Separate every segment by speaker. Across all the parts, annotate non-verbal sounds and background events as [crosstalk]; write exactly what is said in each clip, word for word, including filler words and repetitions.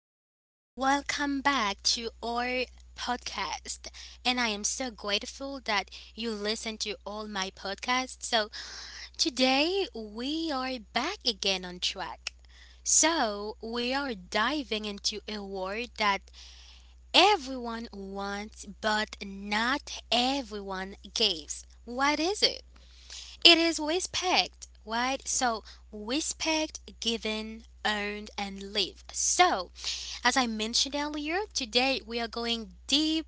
Speaker 1: everyone. Welcome back to our podcast. And I am so grateful that you listen to all my podcasts. So, today we are back again on track. So, we are diving into a word that everyone wants but not everyone gives. What is it? It is respect, right? So, respect, given, earned, and live. So, as I mentioned earlier, today we are going deep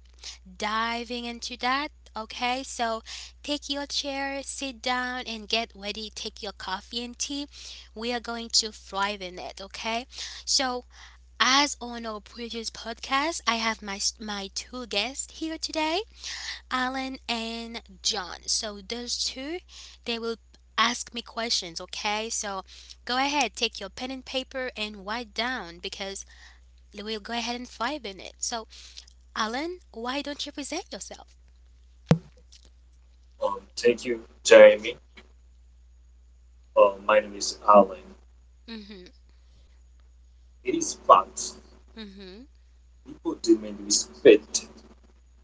Speaker 1: diving into that. Okay, so take your chair, sit down, and get ready. Take your coffee and tea. We are going to thrive in it. Okay, so as on our previous podcast, I have my my two guests here today, Alan and John. So those two, they will ask me questions. Okay, so go ahead, take your pen and paper and write down because we'll go ahead and five in it. So, Alan, why don't you present yourself?
Speaker 2: Um, thank you, Jeremy. Uh, my name is Alan.
Speaker 1: Mm-hmm.
Speaker 2: It is fact.
Speaker 1: Mm-hmm.
Speaker 2: People demand respect,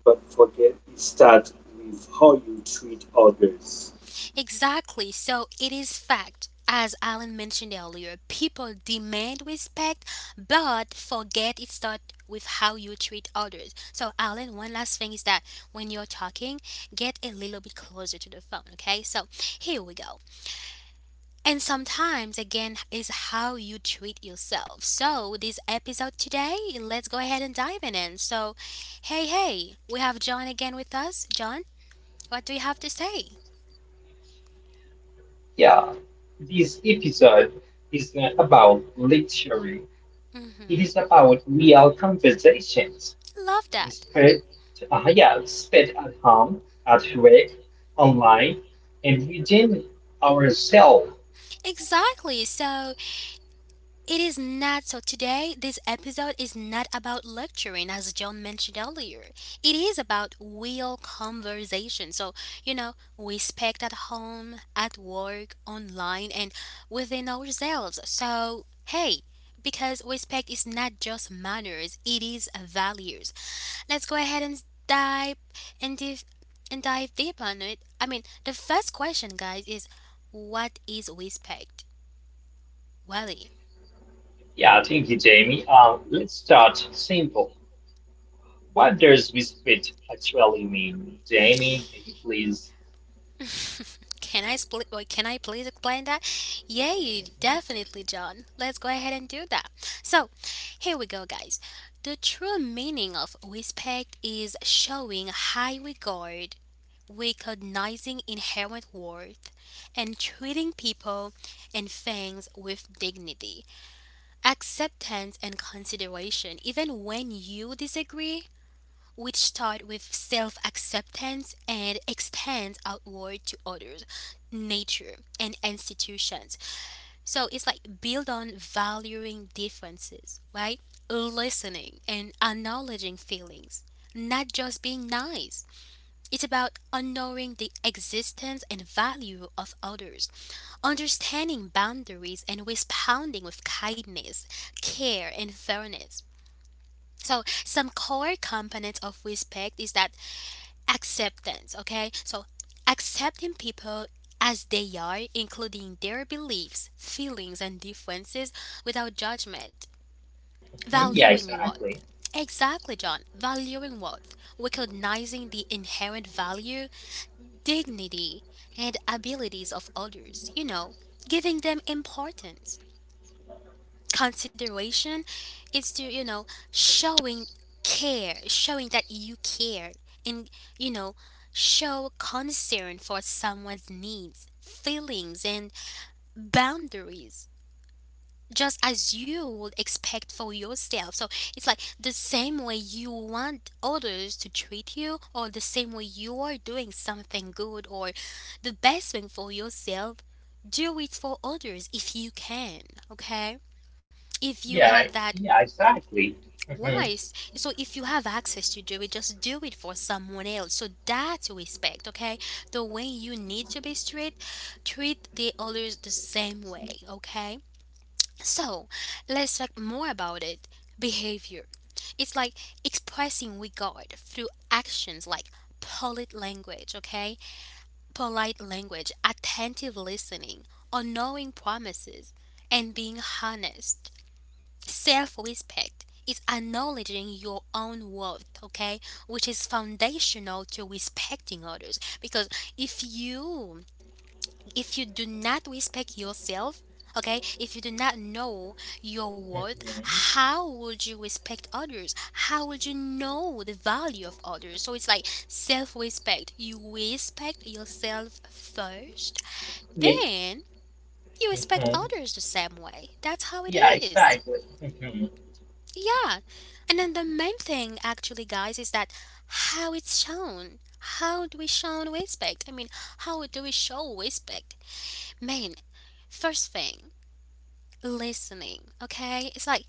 Speaker 2: but forget it starts with how you treat others.
Speaker 1: Exactly. So it is fact. As Alan mentioned earlier, people demand respect, but forget it starts with how you treat others. So, Alan, one last thing is that when you're talking, get a little bit closer to the phone, okay? So, here we go. And sometimes, again, is how you treat yourself. So, this episode today, let's go ahead and dive in. It. So, hey, hey, we have John again with us. John, what do you have to say?
Speaker 3: Yeah, this episode is not about literary. It
Speaker 1: Hmm.
Speaker 3: is about real conversations.
Speaker 1: Love
Speaker 3: We
Speaker 1: that.
Speaker 3: spent, uh, yeah, spent at home, at work, online, and within ourselves.
Speaker 1: Exactly. So, it is not so. Today, this episode is not about lecturing, as John mentioned earlier. It is about real conversation. So, you know, respect at home, at work, online, and within ourselves. So, hey, because respect is not just manners, it is values. Let's go ahead and dive and dive, and dive deep on it. I mean, the first question, guys, is what is respect? Wally,
Speaker 3: Yeah, thank you, Jamie. Um, let's start simple. What does respect actually mean, Jamie? Can you please?
Speaker 1: [laughs] can I split? Wait, can I please explain that? Yay, definitely, John. Let's go ahead and do that. So, here we go, guys. The true meaning of respect is showing high regard, recognizing inherent worth, and treating people and things with dignity, acceptance, and consideration, even when you disagree, which start with self acceptance and extend outward to others, nature, and institutions. So it's like build on valuing differences, right? Listening and acknowledging feelings, not just being nice. It's about honoring the existence and value of others, understanding boundaries and responding with kindness, care, and fairness. So, some core components of respect is that acceptance, okay, so accepting people as they are, including their beliefs, feelings, and differences without judgment.
Speaker 3: Yeah,
Speaker 1: Valuing worth.
Speaker 3: exactly.
Speaker 1: Exactly, John, valuing worth. Recognizing the inherent value, dignity, and abilities of others, you know giving them importance, consideration is to, you know showing care, showing that you care, and, you know show concern for someone's needs, feelings, and boundaries just as you would expect for yourself. So it's like the same way you want others to treat you, or the same way you are doing something good or the best thing for yourself, do it for others if you can, okay? If you
Speaker 3: Yeah,
Speaker 1: have that,
Speaker 3: yeah, exactly. Hmm.
Speaker 1: why? S- So if you have access to do it, just do it for someone else. So that's respect, okay? The way you need to be treated, treat the others the same way, okay? So let's talk more about it. Behavior. It's like expressing regard through actions like polite language, okay? Polite language, attentive listening, honoring promises, and being honest. Self respect is acknowledging your own worth, okay, which is foundational to respecting others. Because if you, if you do not respect yourself, okay, if you do not know your worth,
Speaker 3: Hmm.
Speaker 1: how would you respect others? How would you know the value of others? So it's like self-respect. You respect yourself first,
Speaker 3: Yeah.
Speaker 1: then you respect
Speaker 3: Mhm.
Speaker 1: others the same way. That's how it
Speaker 3: Yeah,
Speaker 1: is.
Speaker 3: exactly. Mhm.
Speaker 1: Yeah, and then the main thing, actually, guys, is that how it's shown. How do we show respect? I mean, how do we show respect? Man, first thing, listening. Okay, it's like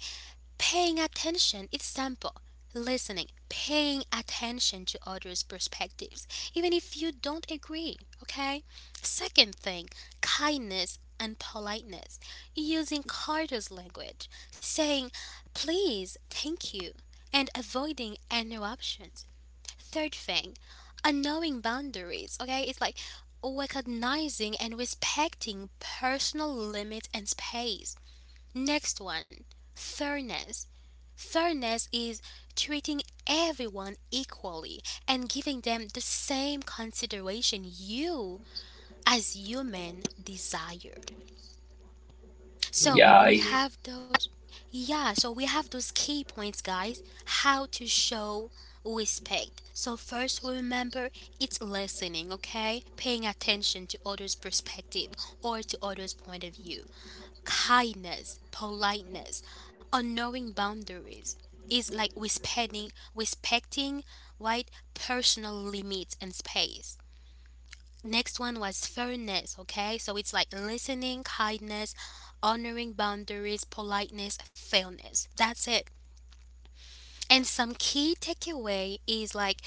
Speaker 1: paying attention is simple. Listening, paying attention to others' perspectives, even if you don't agree, okay? Second thing, kindness and politeness. Using Carter's language, saying please, thank you, and avoiding interruptions. Third thing, a knowing boundaries, okay? It's like recognizing and respecting personal limits and space. Next one, fairness. Fairness is treating everyone equally and giving them the same consideration you as human desire. So
Speaker 3: Yeah,
Speaker 1: we
Speaker 3: it's,
Speaker 1: have those, yeah, so we have those key points, guys, how to show respect. So first remember it's listening, okay? Paying attention to others' perspective or to others' point of view, kindness, politeness, on knowing boundaries is like respecting respecting right personal limits and space. Next one was fairness, okay? So it's like listening, kindness, honoring boundaries, politeness, fairness. That's it. And some key takeaway is like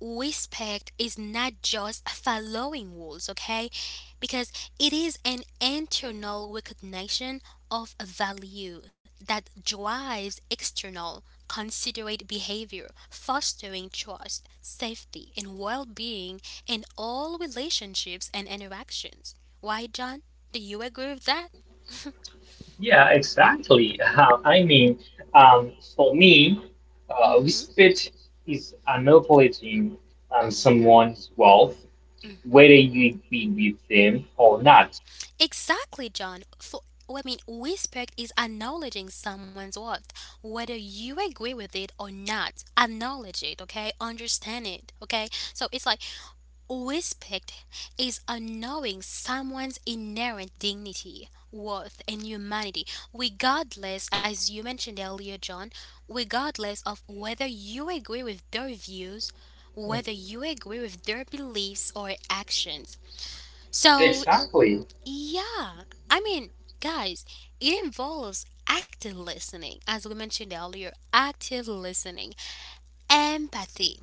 Speaker 1: respect is not just following rules, okay? Because it is an internal recognition of a value that drives external considerate behavior, fostering trust, safety, and well being in all relationships and interactions. Why, John? Do you agree with that?
Speaker 3: yeah, exactly. Uh, I mean, um, for me,
Speaker 1: Mm
Speaker 3: uh,
Speaker 1: hmm.
Speaker 3: respect is acknowledging
Speaker 1: Mm
Speaker 3: um, someone's wealth,
Speaker 1: hmm. Mm
Speaker 3: whether
Speaker 1: hmm.
Speaker 3: you agree with them or not.
Speaker 1: Exactly, John. For I mean, respect is acknowledging someone's worth, whether you agree with it or not. Acknowledge it, okay? Understand it, okay? So it's like respect is acknowledging someone's inherent dignity, worth, and humanity, regardless, as you mentioned earlier, John, regardless of whether you agree with their views, whether you agree with their beliefs or actions. So
Speaker 3: Exactly.
Speaker 1: yeah, I mean, guys, it involves active listening, as we mentioned earlier, active listening, empathy,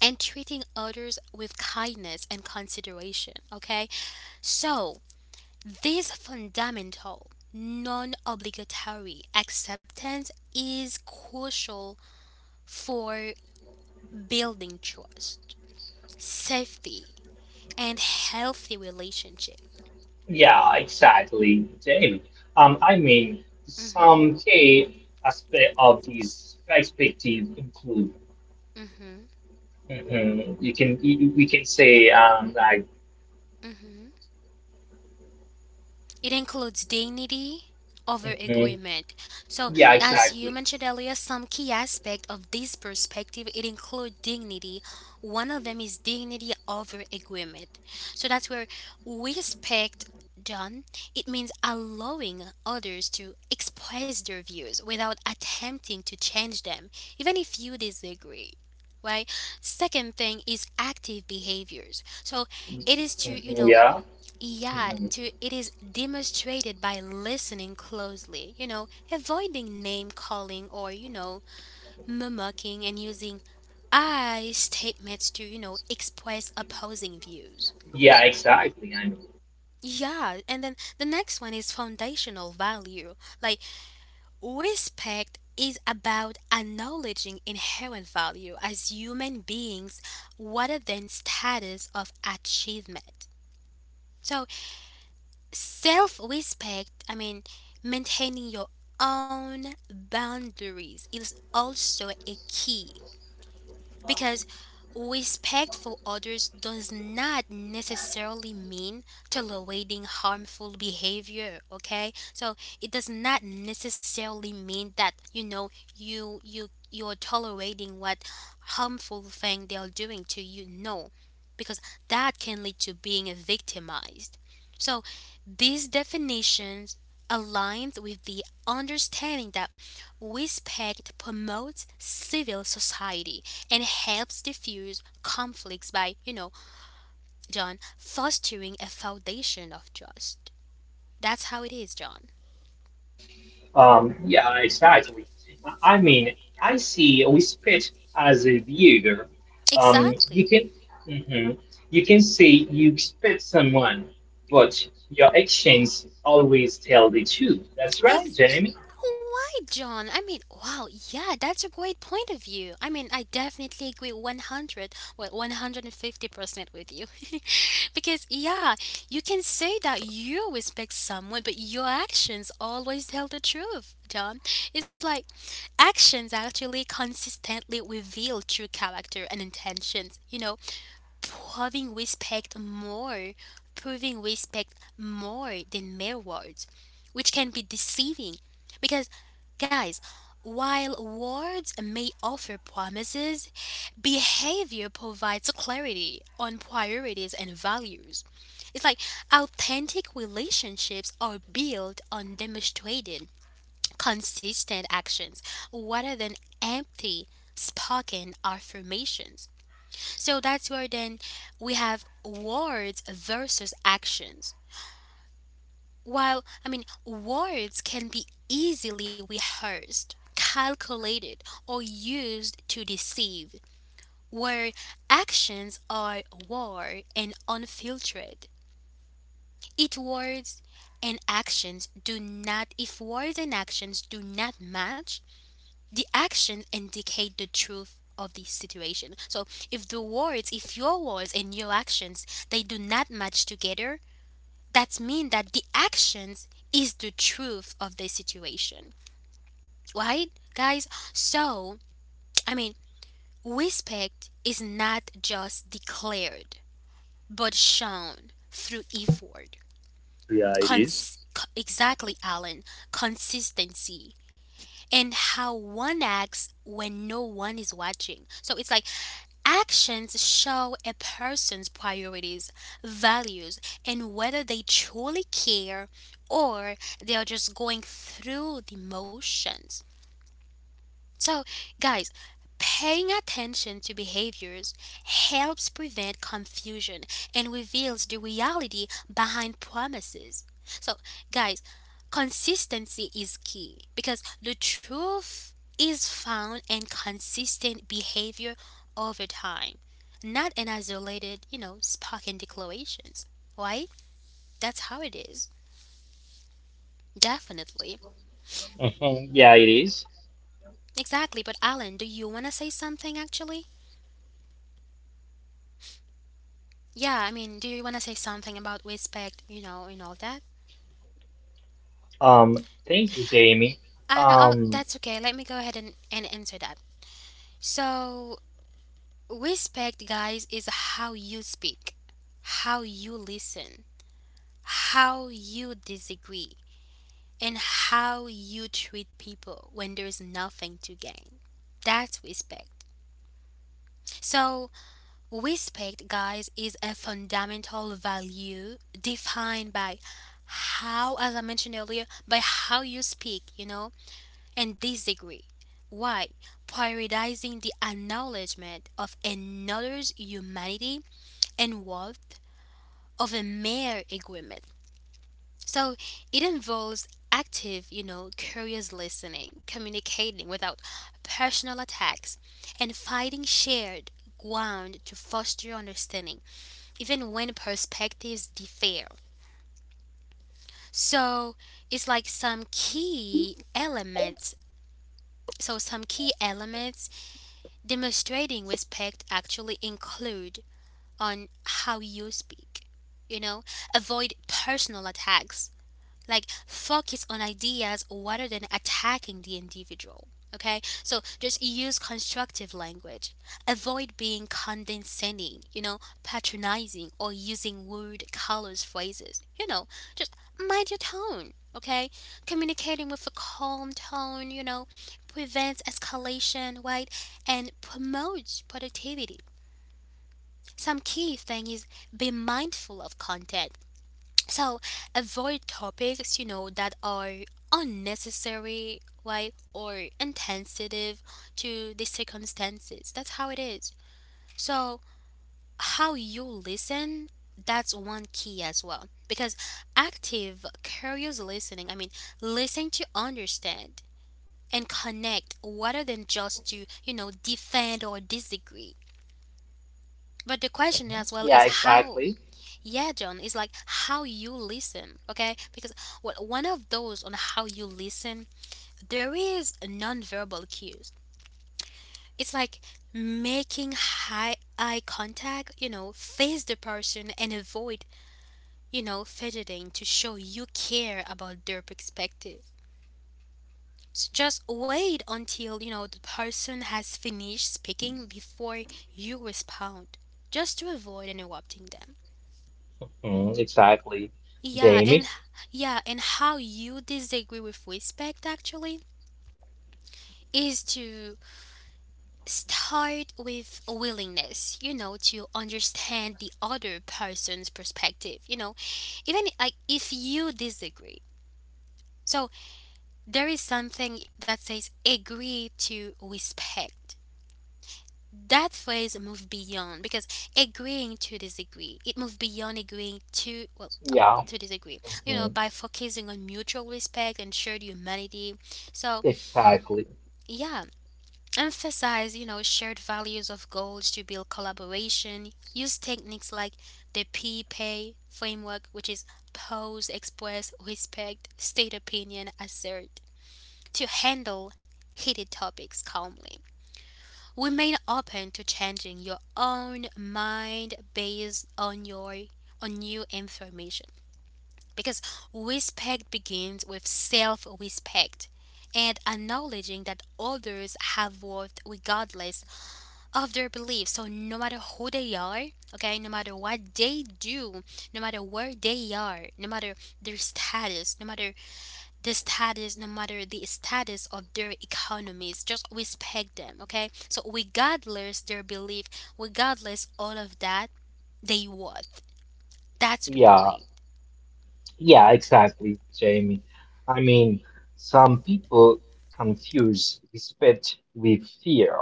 Speaker 1: and treating others with kindness and consideration. Okay, so this fundamental, non obligatory acceptance is crucial for building trust, safety, and healthy relationship.
Speaker 3: Yeah, exactly, Jamie. Um, I mean,
Speaker 1: Mm hmm,
Speaker 3: some key aspect of this perspective include.
Speaker 1: mm hmm,
Speaker 3: Mhm. You can you, we can say um like
Speaker 1: mm hmm. It includes dignity over
Speaker 3: mhm,
Speaker 1: agreement. So,
Speaker 3: yeah
Speaker 1: as you
Speaker 3: exactly.
Speaker 1: mentioned earlier, some key aspect of this perspective it includes dignity. One of them is dignity over agreement. So that's where we respect done. It means allowing others to express their views without attempting to change them, even if you disagree, right? Second thing is active behaviors, so it is to, you
Speaker 3: Mhm.
Speaker 1: know
Speaker 3: Yeah.
Speaker 1: yeah,
Speaker 3: Mhm.
Speaker 1: to it is demonstrated by listening closely, you know, avoiding name calling or, you know, mimicking and using I statements to, you know, express opposing views.
Speaker 3: Yeah, exactly. I know.
Speaker 1: Yeah, and then the next one is foundational value. Like, respect is about acknowledging inherent value as human beings rather than status of achievement. So, self respect, I mean, maintaining your own boundaries is also a key because respect for others does not necessarily mean tolerating harmful behavior, okay? So it does not necessarily mean that, you know, you you you're tolerating what harmful thing they're doing to you. No. Because that can lead to being victimized. So these definitions aligns with the understanding that respect promotes civil society and helps diffuse conflicts by, you know, John, fostering a foundation of trust. That's how it is, John.
Speaker 3: Um, yeah, exactly. I I mean, I see we spit as a viewer. Um,
Speaker 1: Exactly.
Speaker 3: you can, mhm, you can see you spit someone, but your actions always tell the truth. That's right,
Speaker 1: Ex-
Speaker 3: Jamie.
Speaker 1: Why, John? I mean, wow, yeah, that's a great point of view. I mean, I definitely agree one hundred, well, one hundred fifty percent with you. [laughs] because, yeah, you can say that you respect someone, but your actions always tell the truth, John. It's like actions actually consistently reveal true character and intentions, you know? Proving respect more, proving respect more than mere words, which can be deceiving. Because, guys, while words may offer promises, behavior provides clarity on priorities and values. It's like authentic relationships are built on demonstrated, consistent actions rather than empty, spoken affirmations. So that's where then we have words versus actions. While, I mean, words can be easily rehearsed, calculated, or used to deceive, where actions are raw and unfiltered. If words and actions do not, if words and actions do not match, the actions indicate the truth of the situation. So if the words, if your words and your actions, they do not match together, that means that the actions is the truth of the situation. Right, guys? So, I mean, respect is not just declared, but shown through effort. Cons- co- exactly, Alan. Consistency and how one acts when no one is watching. So it's like actions show a person's priorities, values, and whether they truly care or they are just going through the motions. So, guys, paying attention to behaviors helps prevent confusion and reveals the reality behind promises. So, guys, consistency is key because the truth is found in consistent behavior over time, not in isolated, you know, spoken declarations. Right? That's how it is. Definitely.
Speaker 3: Mhm. Yeah, it is.
Speaker 1: Exactly. But, Alan, do you want to say something actually? Yeah, I mean, do you want to say something about respect, you know, and all that?
Speaker 3: Um, Thank you, Jamie.
Speaker 1: I uh,
Speaker 3: Um,
Speaker 1: that's okay. Let me go ahead and, and answer that. So, respect, guys, is how you speak, how you listen, how you disagree, and how you treat people when there's nothing to gain. That's respect. So, respect, guys, is a fundamental value defined by how, as I mentioned earlier, by how you speak, you know, and disagree. Why? Prioritizing the acknowledgement of another's humanity and worth of a mere agreement. So it involves active, you know, curious listening, communicating without personal attacks, and finding shared ground to foster understanding, even when perspectives differ. So it's like some key elements. So some key elements demonstrating respect actually include on how you speak. You know, avoid personal attacks like focus on ideas rather than attacking the individual. Okay, so just use constructive language. Avoid being condescending, you know, patronizing, or using rude, colors, phrases. You know, just mind your tone. Okay, communicating with a calm tone, you know, prevents escalation, right, and promotes productivity. Some key thing is be mindful of context, so avoid topics, you know, that are unnecessary, right, or insensitive to the circumstances. That's how it is. So how you listen, that's one key as well. Because active, curious listening, I mean, listen to understand and connect rather than just to, you know, defend or disagree. But the question
Speaker 3: mhm,
Speaker 1: as well
Speaker 3: yeah,
Speaker 1: is how.
Speaker 3: exactly.
Speaker 1: Yeah, John, it's like how you listen, okay? Because well, one of those on how you listen, there is nonverbal cues. It's like making high eye contact, you know, face the person and avoid, you know, fidgeting to show you care about their perspective. S- Just wait until, you know, the person has finished speaking before you respond, just to avoid interrupting them.
Speaker 3: Mhm. Exactly,
Speaker 1: Yeah, and
Speaker 3: Jamie.
Speaker 1: yeah, and how you disagree with respect actually is to start with a willingness, you know, to understand the other person's perspective, you know, even like if you disagree. So there is something that says agree to respect. That phrase move beyond because agreeing to disagree, it moves beyond agreeing to well uh,
Speaker 3: Yeah.
Speaker 1: to disagree, you know
Speaker 3: Mhm.
Speaker 1: by focusing on mutual respect and shared humanity. So
Speaker 3: Exactly.
Speaker 1: yeah, emphasize, you know shared values of goals to build collaboration. Use techniques like the p-pay framework, which is pose, express respect, state opinion, assert, to handle heated topics calmly. Remain open to changing your own mind based on your on new information, because respect begins with self-respect and acknowledging that others have worth regardless of their beliefs. So no matter who they are, okay, no matter what they do, no matter where they are, no matter their status, no matter the status, no matter the status of their economies, just respect them, okay? So regardless their belief, regardless all of that, they worth. That's the
Speaker 3: Yeah.
Speaker 1: point.
Speaker 3: Yeah, exactly, Jamie. I mean, some people confuse respect with fear.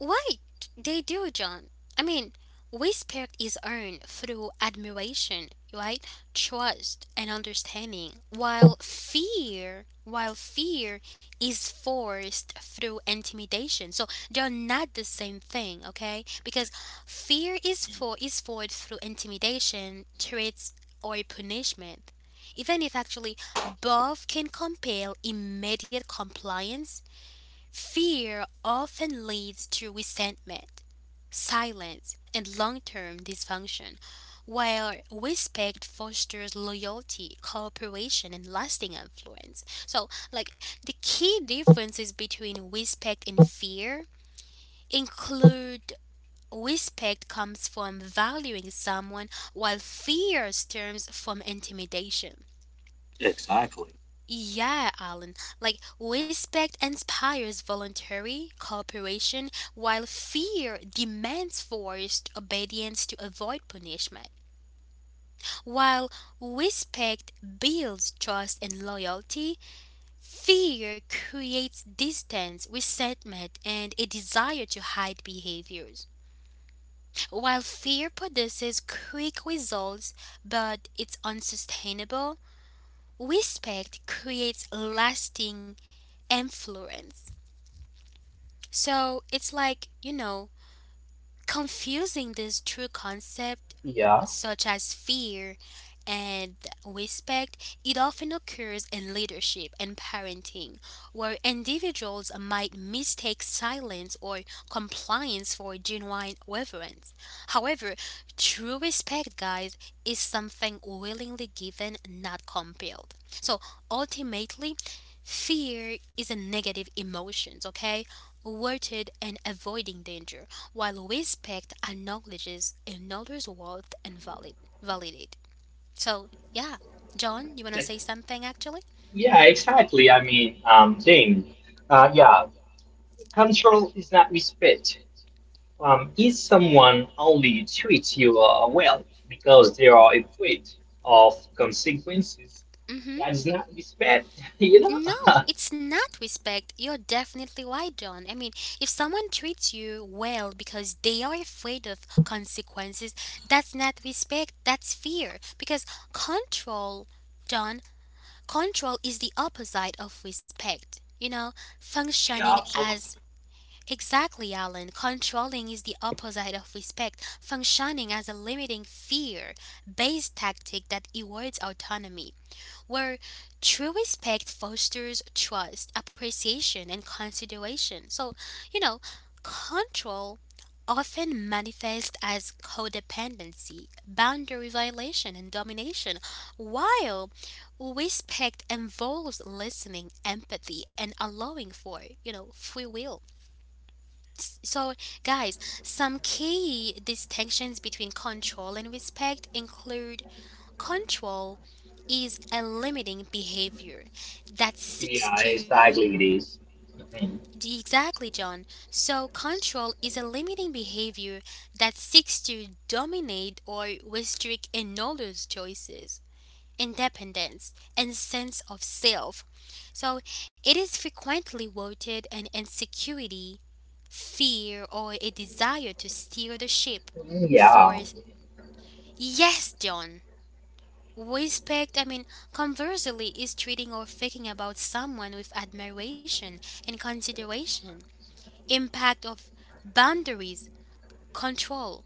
Speaker 1: Right, they do, John? I mean, respect is earned through admiration, right? Trust and understanding, while fear, while fear is forced through intimidation. So they're not the same thing, okay? Because fear is for is forced through intimidation, threats, or punishment. Even if actually both can compel immediate compliance. Fear often leads to resentment, silence, and long term dysfunction, while respect fosters loyalty, cooperation, and lasting influence. So, like, the key differences between respect and fear include respect comes from valuing someone, while fear stems from intimidation.
Speaker 2: Exactly.
Speaker 1: Yeah, Alan. Like respect inspires voluntary cooperation, while fear demands forced obedience to avoid punishment. While respect builds trust and loyalty, fear creates distance, resentment, and a desire to hide behaviors. While fear produces quick results, but it's unsustainable, respect creates lasting influence. So it's like, you know, confusing this true concept
Speaker 3: Yeah.
Speaker 1: such as fear and respect, it often occurs in leadership and parenting, where individuals might mistake silence or compliance for genuine reverence. However, true respect, guys, is something willingly given, not compelled. So ultimately, fear is a negative emotion, okay? Rooted in avoiding danger, while respect acknowledges another's worth and valid validate. So yeah, John, you wanna say something actually?
Speaker 3: Yeah, exactly. I mean, um, Jamie, Uh, yeah, control is not respect. Um, if someone only treats you uh, well because they are afraid of consequences,
Speaker 1: Mm-hmm.
Speaker 3: that is not respect, [laughs] you know?
Speaker 1: No,
Speaker 3: [laughs]
Speaker 1: it's not respect. You're definitely right, John. I mean, if someone treats you well because they are afraid of consequences, that's not respect. That's fear. Because control, John, control is the opposite of respect. You know,
Speaker 2: Yeah,
Speaker 1: functioning as
Speaker 2: absolutely.
Speaker 1: exactly, Alan. Controlling is the opposite of respect, functioning as a limiting fear based tactic that erodes autonomy, where true respect fosters trust, appreciation, and consideration. So, you know, control often manifests as codependency, boundary violation, and domination, while respect involves listening, empathy, and allowing for, you know, free will. So, guys, some key distinctions between control and respect include control is a limiting behavior that seeks
Speaker 3: Yeah,
Speaker 1: to
Speaker 3: exactly, it is. Mhm.
Speaker 1: d- exactly John. So, control is a limiting behavior that seeks to dominate or restrict another's choices, independence, and sense of self. So, it is frequently rooted in insecurity, fear, or a desire to steer the ship.
Speaker 3: Yeah.
Speaker 1: Fourth, yes, John. Respect, I mean, conversely, is treating or thinking about someone with admiration and consideration. Impact of boundaries, control,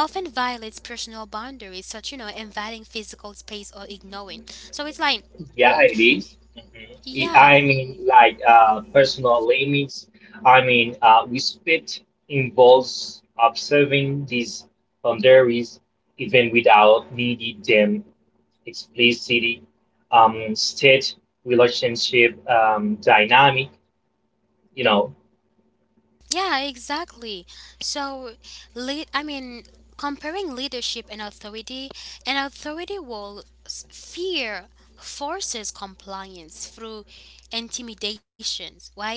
Speaker 1: often violates personal boundaries, such, you know, invading physical space or ignoring. So it's like,
Speaker 3: Yeah, it is. Mhm.
Speaker 1: yeah.
Speaker 3: I I mean, like uh, personal limits. I mean, uh, respect involves observing these boundaries even without needing them explicitly. Um, state relationship um, dynamic. You know.
Speaker 1: Yeah, exactly. So, lead, I mean, comparing leadership and authority, an authority will s- fear forces compliance through intimidations, right?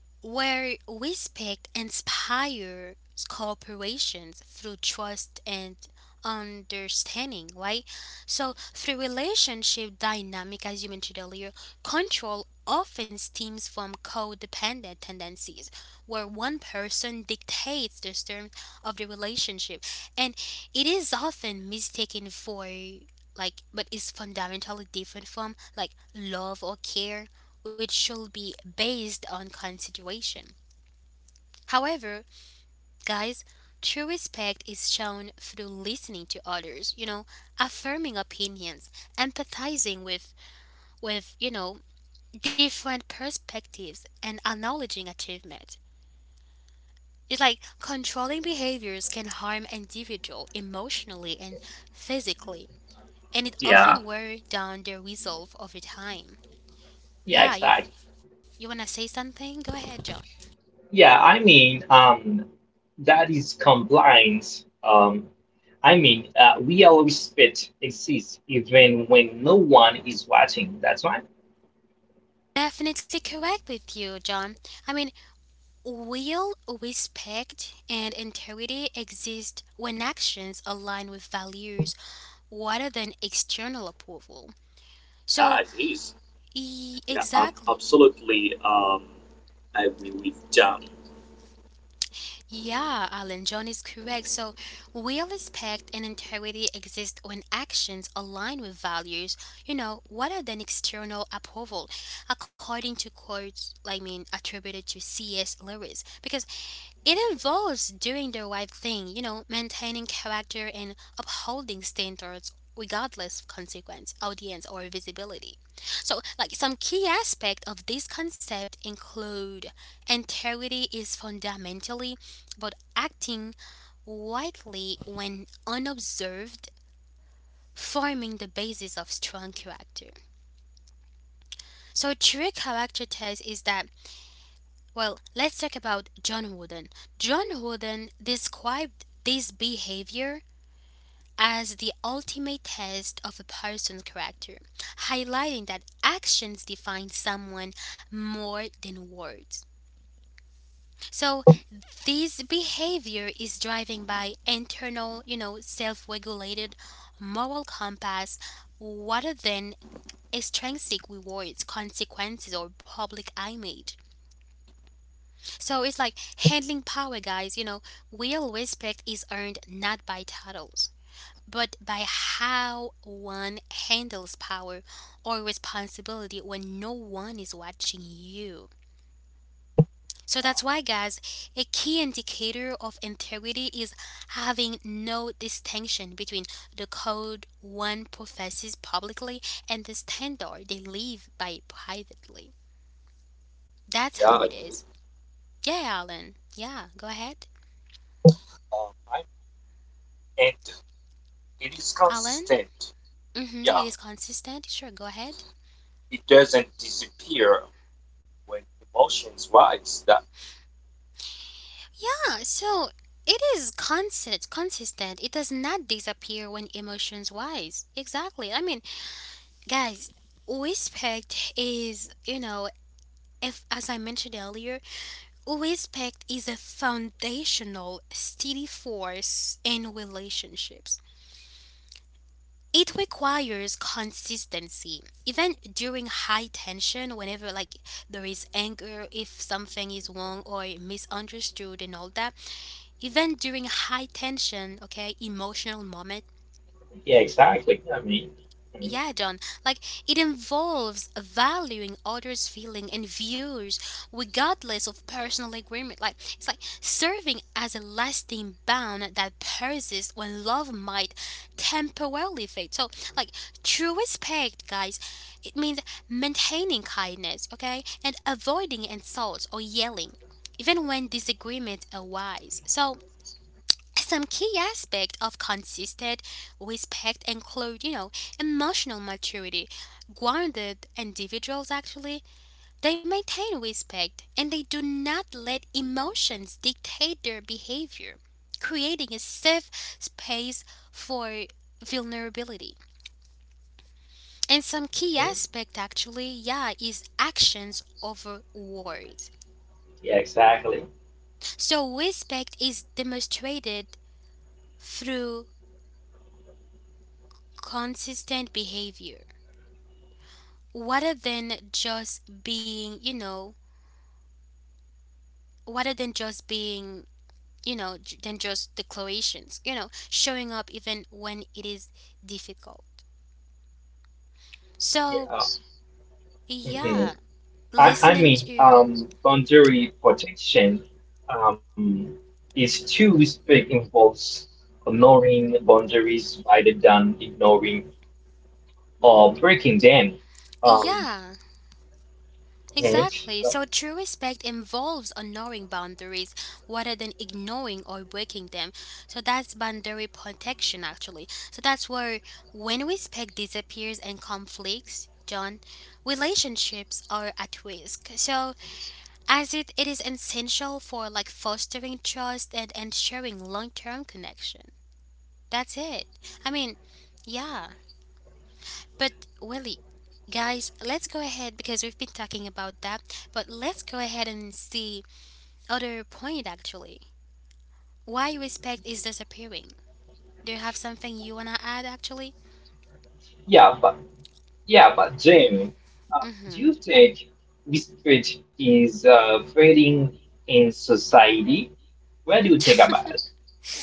Speaker 1: Where respect inspires corporations through trust and understanding, right? So through relationship dynamic, as you mentioned earlier, control often stems from codependent tendencies, where one person dictates the terms of the relationship, and it is often mistaken for like, but is fundamentally different from like love or care, which should be based on consideration. However, guys, true respect is shown through listening to others, you know, affirming opinions, empathizing with with, you know, different perspectives and acknowledging achievement. It's like controlling behaviors can harm individual emotionally and physically, and it
Speaker 3: Yeah.
Speaker 1: often wear down their resolve over time.
Speaker 3: Yeah.
Speaker 1: Yeah, you
Speaker 3: Exactly.
Speaker 1: you wanna say something? Go ahead, John.
Speaker 3: Yeah. I mean. Um, That is compliance. Um, I mean, uh, real respect exists even when no one is watching. That's right.
Speaker 1: Definitely correct with you, John. I mean, will, respect, and integrity exist when actions align with values rather than external approval.
Speaker 2: Yeah,
Speaker 1: So,
Speaker 2: it is.
Speaker 1: e-
Speaker 2: Yeah, I'm
Speaker 1: exactly.
Speaker 2: absolutely um, I agree with John.
Speaker 1: Yeah, Alan, John is correct. So, will, respect, and integrity exist when actions align with values, you know, rather than external approval, according to quotes, I mean, attributed to C S. Lewis. Because it involves doing the right thing, you know, maintaining character and upholding standards regardless of consequence, audience, or visibility. So, like some key aspect of this concept include integrity is fundamentally about acting rightly when unobserved, forming the basis of strong character. So, true character test is that well, let's talk about John Wooden. John Wooden described this behavior as the ultimate test of a person's character, highlighting that actions define someone more than words. So, this behavior is driven by internal, you know, self-regulated moral compass rather than extrinsic rewards, consequences, or public image. So it's like handling power, guys. You know, real respect is earned not by titles, but by how one handles power or responsibility when no one is watching you. So that's why, guys, a key indicator of integrity is having no distinction between the code one professes publicly and the standard they live by privately. That's
Speaker 2: Yeah,
Speaker 1: how
Speaker 2: um,
Speaker 1: it is. Yeah, Alan. Yeah, go ahead.
Speaker 2: I, and it is
Speaker 1: Alan?
Speaker 2: consistent.
Speaker 1: Mm-hmm,
Speaker 2: Yeah,
Speaker 1: it is consistent. Sure, go ahead.
Speaker 2: it doesn't disappear when emotions rise. That
Speaker 1: Yeah, so it is constant, consistent. It does not disappear when emotions wise. Exactly. I mean, guys, respect is, you know, if as I mentioned earlier, respect is a foundational steady force in relationships. It requires consistency, even during high tension, whenever like there is anger, if something is wrong or misunderstood and all that, even during high tension, okay, emotional moment.
Speaker 3: Yeah, exactly. I mean, I mean
Speaker 1: Yeah, John, like it involves valuing others' feeling and views regardless of personal agreement. Like it's like serving as a lasting bond that persists when love might temporarily fade. So like true respect, guys, it means maintaining kindness, okay, and avoiding insults or yelling, even when disagreements arise. So some key aspect of consistent respect include, you know, emotional maturity. Grounded individuals actually, they maintain respect and they do not let emotions dictate their behavior, creating a safe space for vulnerability. And some key aspect actually, yeah, is actions over words.
Speaker 3: yeah, exactly.
Speaker 1: So respect is demonstrated through consistent behavior rather than just being, you know, rather than just being, you know, j- than just declarations, you know, showing up even when it is difficult.
Speaker 3: Yeah,
Speaker 1: So,
Speaker 3: Uh, Yes. Mhm.
Speaker 1: yeah,
Speaker 3: I, I
Speaker 1: listening
Speaker 3: mean,
Speaker 1: to,
Speaker 3: um, boundary protection um, is to respect involves honoring boundaries rather than ignoring or breaking them. Um,
Speaker 1: yeah.
Speaker 3: mhm.
Speaker 1: Exactly.
Speaker 3: Uh,
Speaker 1: So true respect involves honoring boundaries rather than ignoring or breaking them. So that's boundary protection actually. So that's where when respect disappears and conflicts, John, relationships are at risk. So as it, it is essential for like fostering trust and ensuring long term connection. That's it. I mean, yeah. But Willie, guys, let's go ahead because we've been talking about that, but let's go ahead and see other point actually. Why respect is disappearing. Do you have something you wanna add actually?
Speaker 3: yeah, but Yeah, but Jamie, um, do
Speaker 1: Mm-hmm.
Speaker 3: you think this spirit is uh, fading in society? What do you think about it?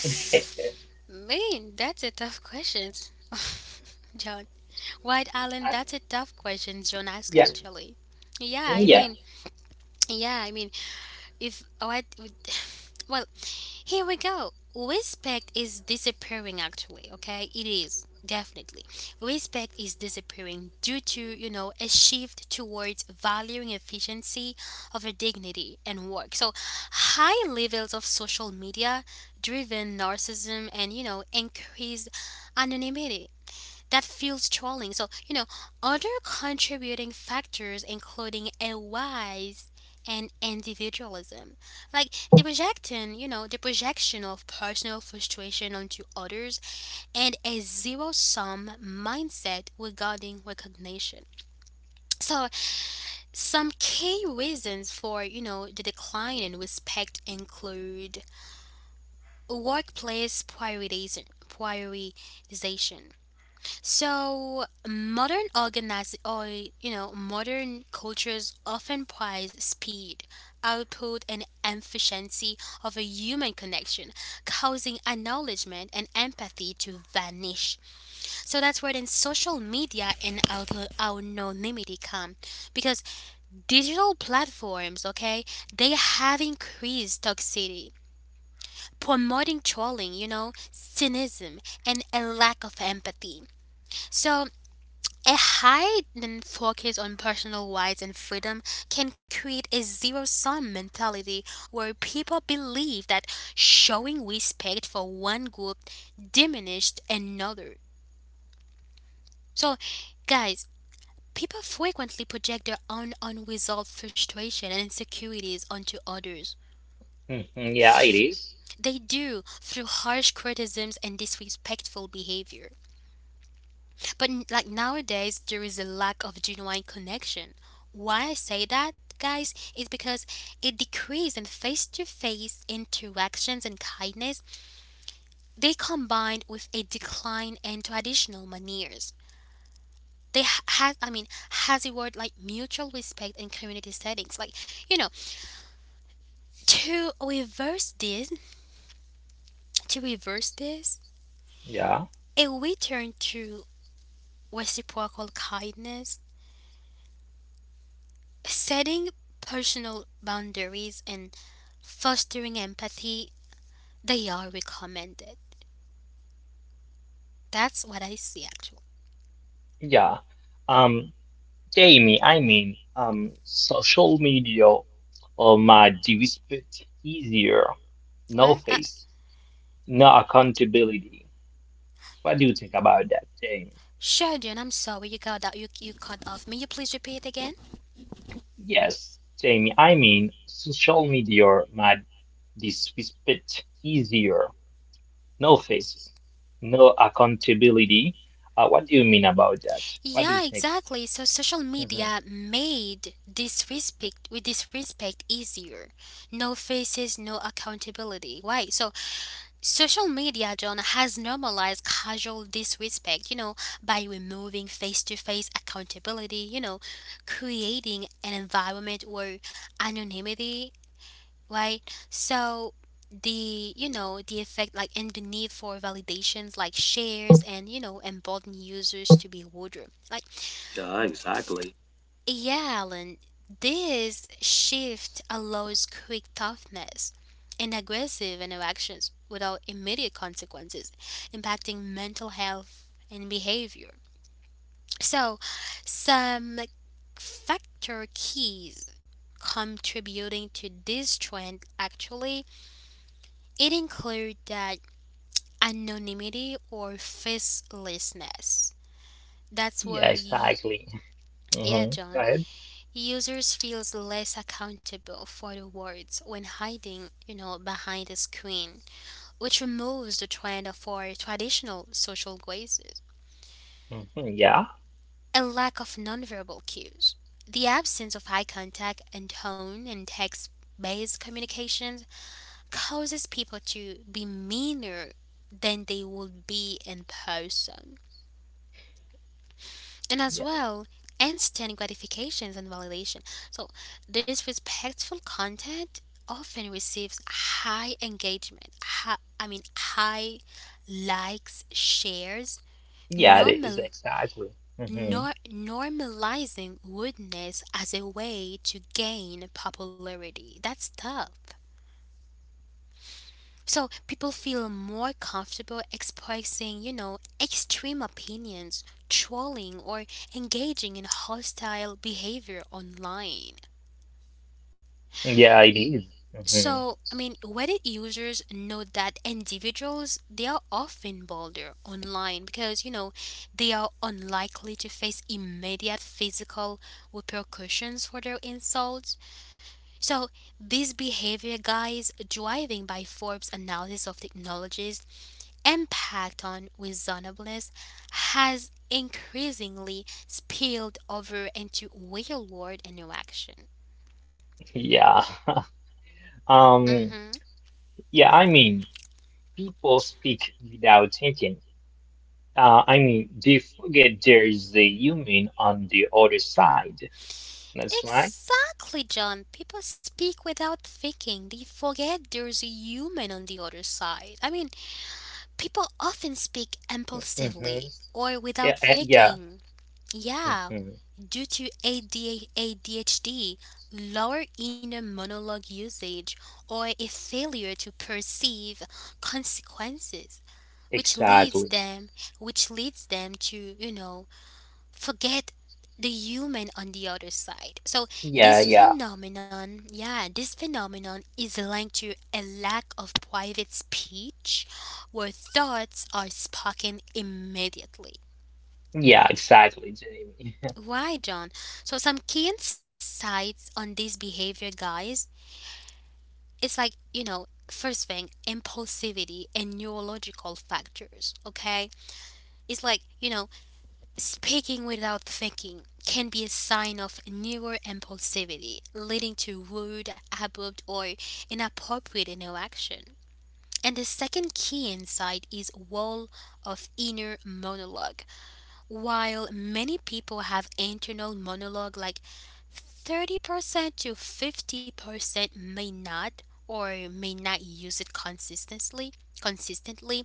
Speaker 3: [laughs]
Speaker 1: [laughs] Man, that's a tough question. [laughs] John. White Island,
Speaker 3: Uh,
Speaker 1: that's a tough question John asked
Speaker 3: yeah,
Speaker 1: actually. Yeah, I
Speaker 3: yeah.
Speaker 1: mean yeah, I mean if what [laughs] would- [sighs] well, here we go. Respect is disappearing actually, okay? It is definitely. Respect is disappearing due to, you know, a shift towards valuing efficiency over dignity and work. So, high levels of social media driven narcissism and, you know, increased anonymity that feels trolling. So, you know, other contributing factors including a wise and individualism. Like the projection, you know, the projection of personal frustration onto others and a zero sum mindset regarding recognition. So, some key reasons for you know, the decline in respect include workplace prioritization, prioritization. So modern organize or you know modern cultures often prize speed, output, and efficiency of a human connection, causing acknowledgement and empathy to vanish. So that's where then social media and auto- anonymity come, because digital platforms, okay, they have increased toxicity promoting trolling, you know, cynicism, and a lack of empathy. So a heightened focus on personal rights and freedom can create a zero sum mentality where people believe that showing respect for one group diminished another. So, guys, people frequently project their own unresolved frustration and insecurities onto others.
Speaker 3: Mhm. Yeah, it
Speaker 1: F-
Speaker 3: is.
Speaker 1: They do through harsh criticisms and disrespectful behavior. But n- like nowadays, there is a lack of genuine connection. Why I say that, guys, is because it decrease in face-to-face interactions and kindness. They combined with a decline in traditional manners. They ha- has, I mean, has a word like mutual respect in community settings. Like you know, to reverse this, to reverse this,
Speaker 3: Yeah,
Speaker 1: a return to reciprocal kindness. Setting personal boundaries and fostering empathy, they are recommended. That's what I see actually.
Speaker 3: yeah. Um, Jamie, I mean, um, social media or my dispute, easier. No
Speaker 1: What? Uh,
Speaker 3: face, no accountability. What do you think about that, Jamie?
Speaker 1: Sheridan, I'm sorry you got that you, you cut off. May you please repeat again?
Speaker 3: Yes, Jamie, I mean, social media my this is a bit easier. No faces, no accountability. Uh, what do you mean about that? What do you
Speaker 1: Yeah,
Speaker 3: think?
Speaker 1: exactly. So social
Speaker 3: Hmm.
Speaker 1: media made disrespect with disrespect easier. No faces, no accountability. Why? So social media, John, has normalized casual disrespect, you know, by removing face to face accountability, you know, creating an environment where anonymity, right? So, the you know the effect like and the need for validations like shares and you know embolden users to be bolder like
Speaker 2: yeah, exactly.
Speaker 1: yeah, Alan, this shift allows quick toughness and aggressive interactions without immediate consequences, impacting mental health and behavior. So, some like, factor keys contributing to this trend actually it include that anonymity or facelessness. That's
Speaker 3: Yeah,
Speaker 1: where you,
Speaker 3: exactly.
Speaker 1: yeah,
Speaker 3: Hmm. Go
Speaker 1: John.
Speaker 3: ahead.
Speaker 1: Users feels less accountable for the words when hiding, you know, behind a screen, which removes the trend for traditional social gazes.
Speaker 3: Hmm. Yeah,
Speaker 1: A lack of nonverbal cues, the absence of eye contact and tone and text-based communications causes people to be meaner than they would be in person, and as
Speaker 3: yeah,
Speaker 1: well instant gratifications and validation. So this respectful content often receives high engagement, high, I mean high likes, shares,
Speaker 3: yeah. It is
Speaker 1: normal
Speaker 3: exactly. Hmm.
Speaker 1: nor, normalizing rudeness as a way to gain popularity. That's tough. So people feel more comfortable expressing, you know, extreme opinions, trolling, or engaging in hostile behavior online.
Speaker 3: Yeah, it is. Mhm.
Speaker 1: So, I mean, Reddit users know that individuals they are often bolder online because you know they are unlikely to face immediate physical repercussions for their insults. So, this behavior guys driving by Forbes' analysis of technologies impact on reasonableness has increasingly spilled over into real world interaction.
Speaker 3: Yeah. [laughs] Um.
Speaker 1: hmm
Speaker 3: Yeah, I mean, people speak without thinking. Uh, I mean, they forget there is a human on the other side. That's right.
Speaker 1: Exactly, John. People speak without thinking. They forget there's a human on the other side. I mean, people often speak
Speaker 3: Hmm.
Speaker 1: impulsively or
Speaker 3: Yeah.
Speaker 1: without
Speaker 3: uh, Yeah.
Speaker 1: thinking. Yeah,
Speaker 3: Hmm.
Speaker 1: due to A D A A D H D, lower inner monologue usage, or a failure to perceive consequences, which leads
Speaker 3: Exactly.
Speaker 1: them which leads them to, you know, forget the human on the other side. So
Speaker 3: Yeah,
Speaker 1: this
Speaker 3: yeah.
Speaker 1: phenomenon, yeah, this phenomenon is linked to a lack of private speech where thoughts are spoken immediately.
Speaker 3: Yeah, exactly, Jamie.
Speaker 1: Why, John? So some key insights on this behavior, guys. It's like you know, First thing, impulsivity and neurological factors. Okay, it's like you know, speaking without thinking can be a sign of neuro impulsivity, leading to rude, abrupt, or inappropriate interaction. And the second key insight is wall of inner monologue. While many people have internal monologue like thirty percent to fifty percent may not or may not use it consistently consistently.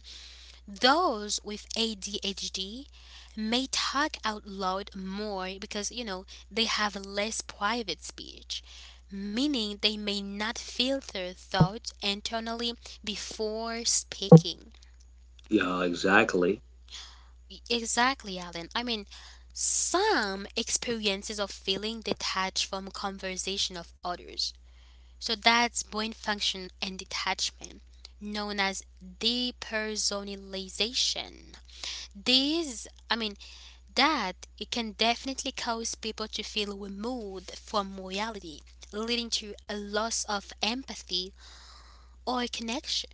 Speaker 1: Those with A D H D may talk out loud more because you know they have less private speech, meaning they may not filter thoughts internally before speaking.
Speaker 2: Yeah, exactly.
Speaker 1: Exactly, Alan, I mean some experiences of feeling detached from conversation of others. So that's brain function and detachment, known as depersonalization. These, I mean, that it can definitely cause people to feel removed from reality, leading to a loss of empathy or connection.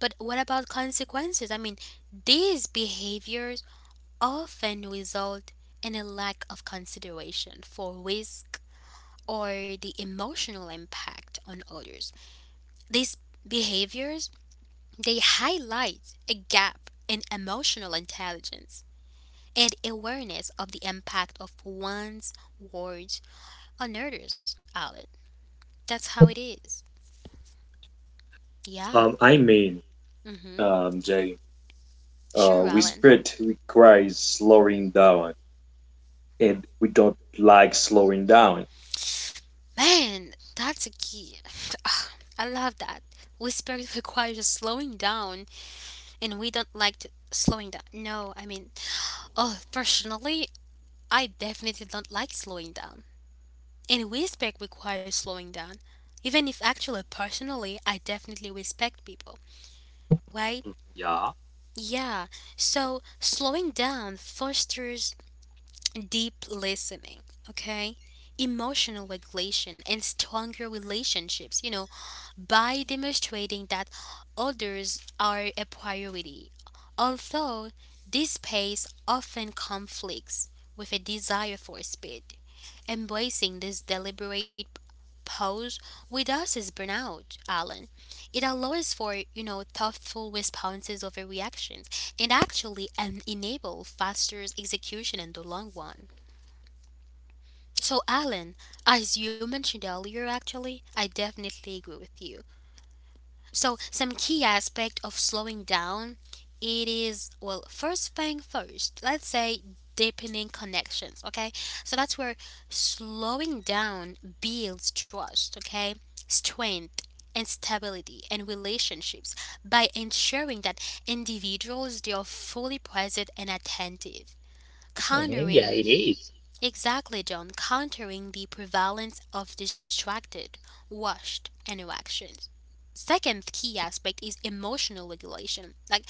Speaker 1: But what about consequences? I mean, these behaviors often result in a lack of consideration for risk or the emotional impact on others. These behaviors they highlight a gap in emotional intelligence and awareness of the impact of one's words on others, Alan. That's how it is. Yeah.
Speaker 2: Um, I mean,
Speaker 1: Mhm.
Speaker 2: um, Jay, uh,
Speaker 1: Sure,
Speaker 2: we
Speaker 1: Alan.
Speaker 2: spirit requires slowing down, and we don't like slowing down.
Speaker 1: Man, that's a key. [sighs] Ah, I love that. Whisper requires slowing down, and we don't like to slowing down. No, I mean, oh, personally, I definitely don't like slowing down. And respect requires slowing down. Even if actually personally, I definitely respect people, right?
Speaker 2: Yeah,
Speaker 1: Yeah. So slowing down fosters deep listening, okay? Emotional regulation and stronger relationships. You know, by demonstrating that others are a priority, although this pace often conflicts with a desire for speed. Embracing this deliberate pause with us is burnout, Alan. It allows for, you know, thoughtful responses over reactions and actually um, enable faster execution in the long run. So, Alan, as you mentioned earlier, actually, I definitely agree with you. So some key aspect of slowing down it is well first thing first let's say deepening connections, okay. So that's where slowing down builds trust, okay, strength and stability and relationships by ensuring that individuals they are fully present and attentive,
Speaker 3: [laughs] Hmm. Yeah,
Speaker 1: countering
Speaker 3: it is.
Speaker 1: exactly John, countering the prevalence of distracted washed interactions. Second key aspect is emotional regulation. Like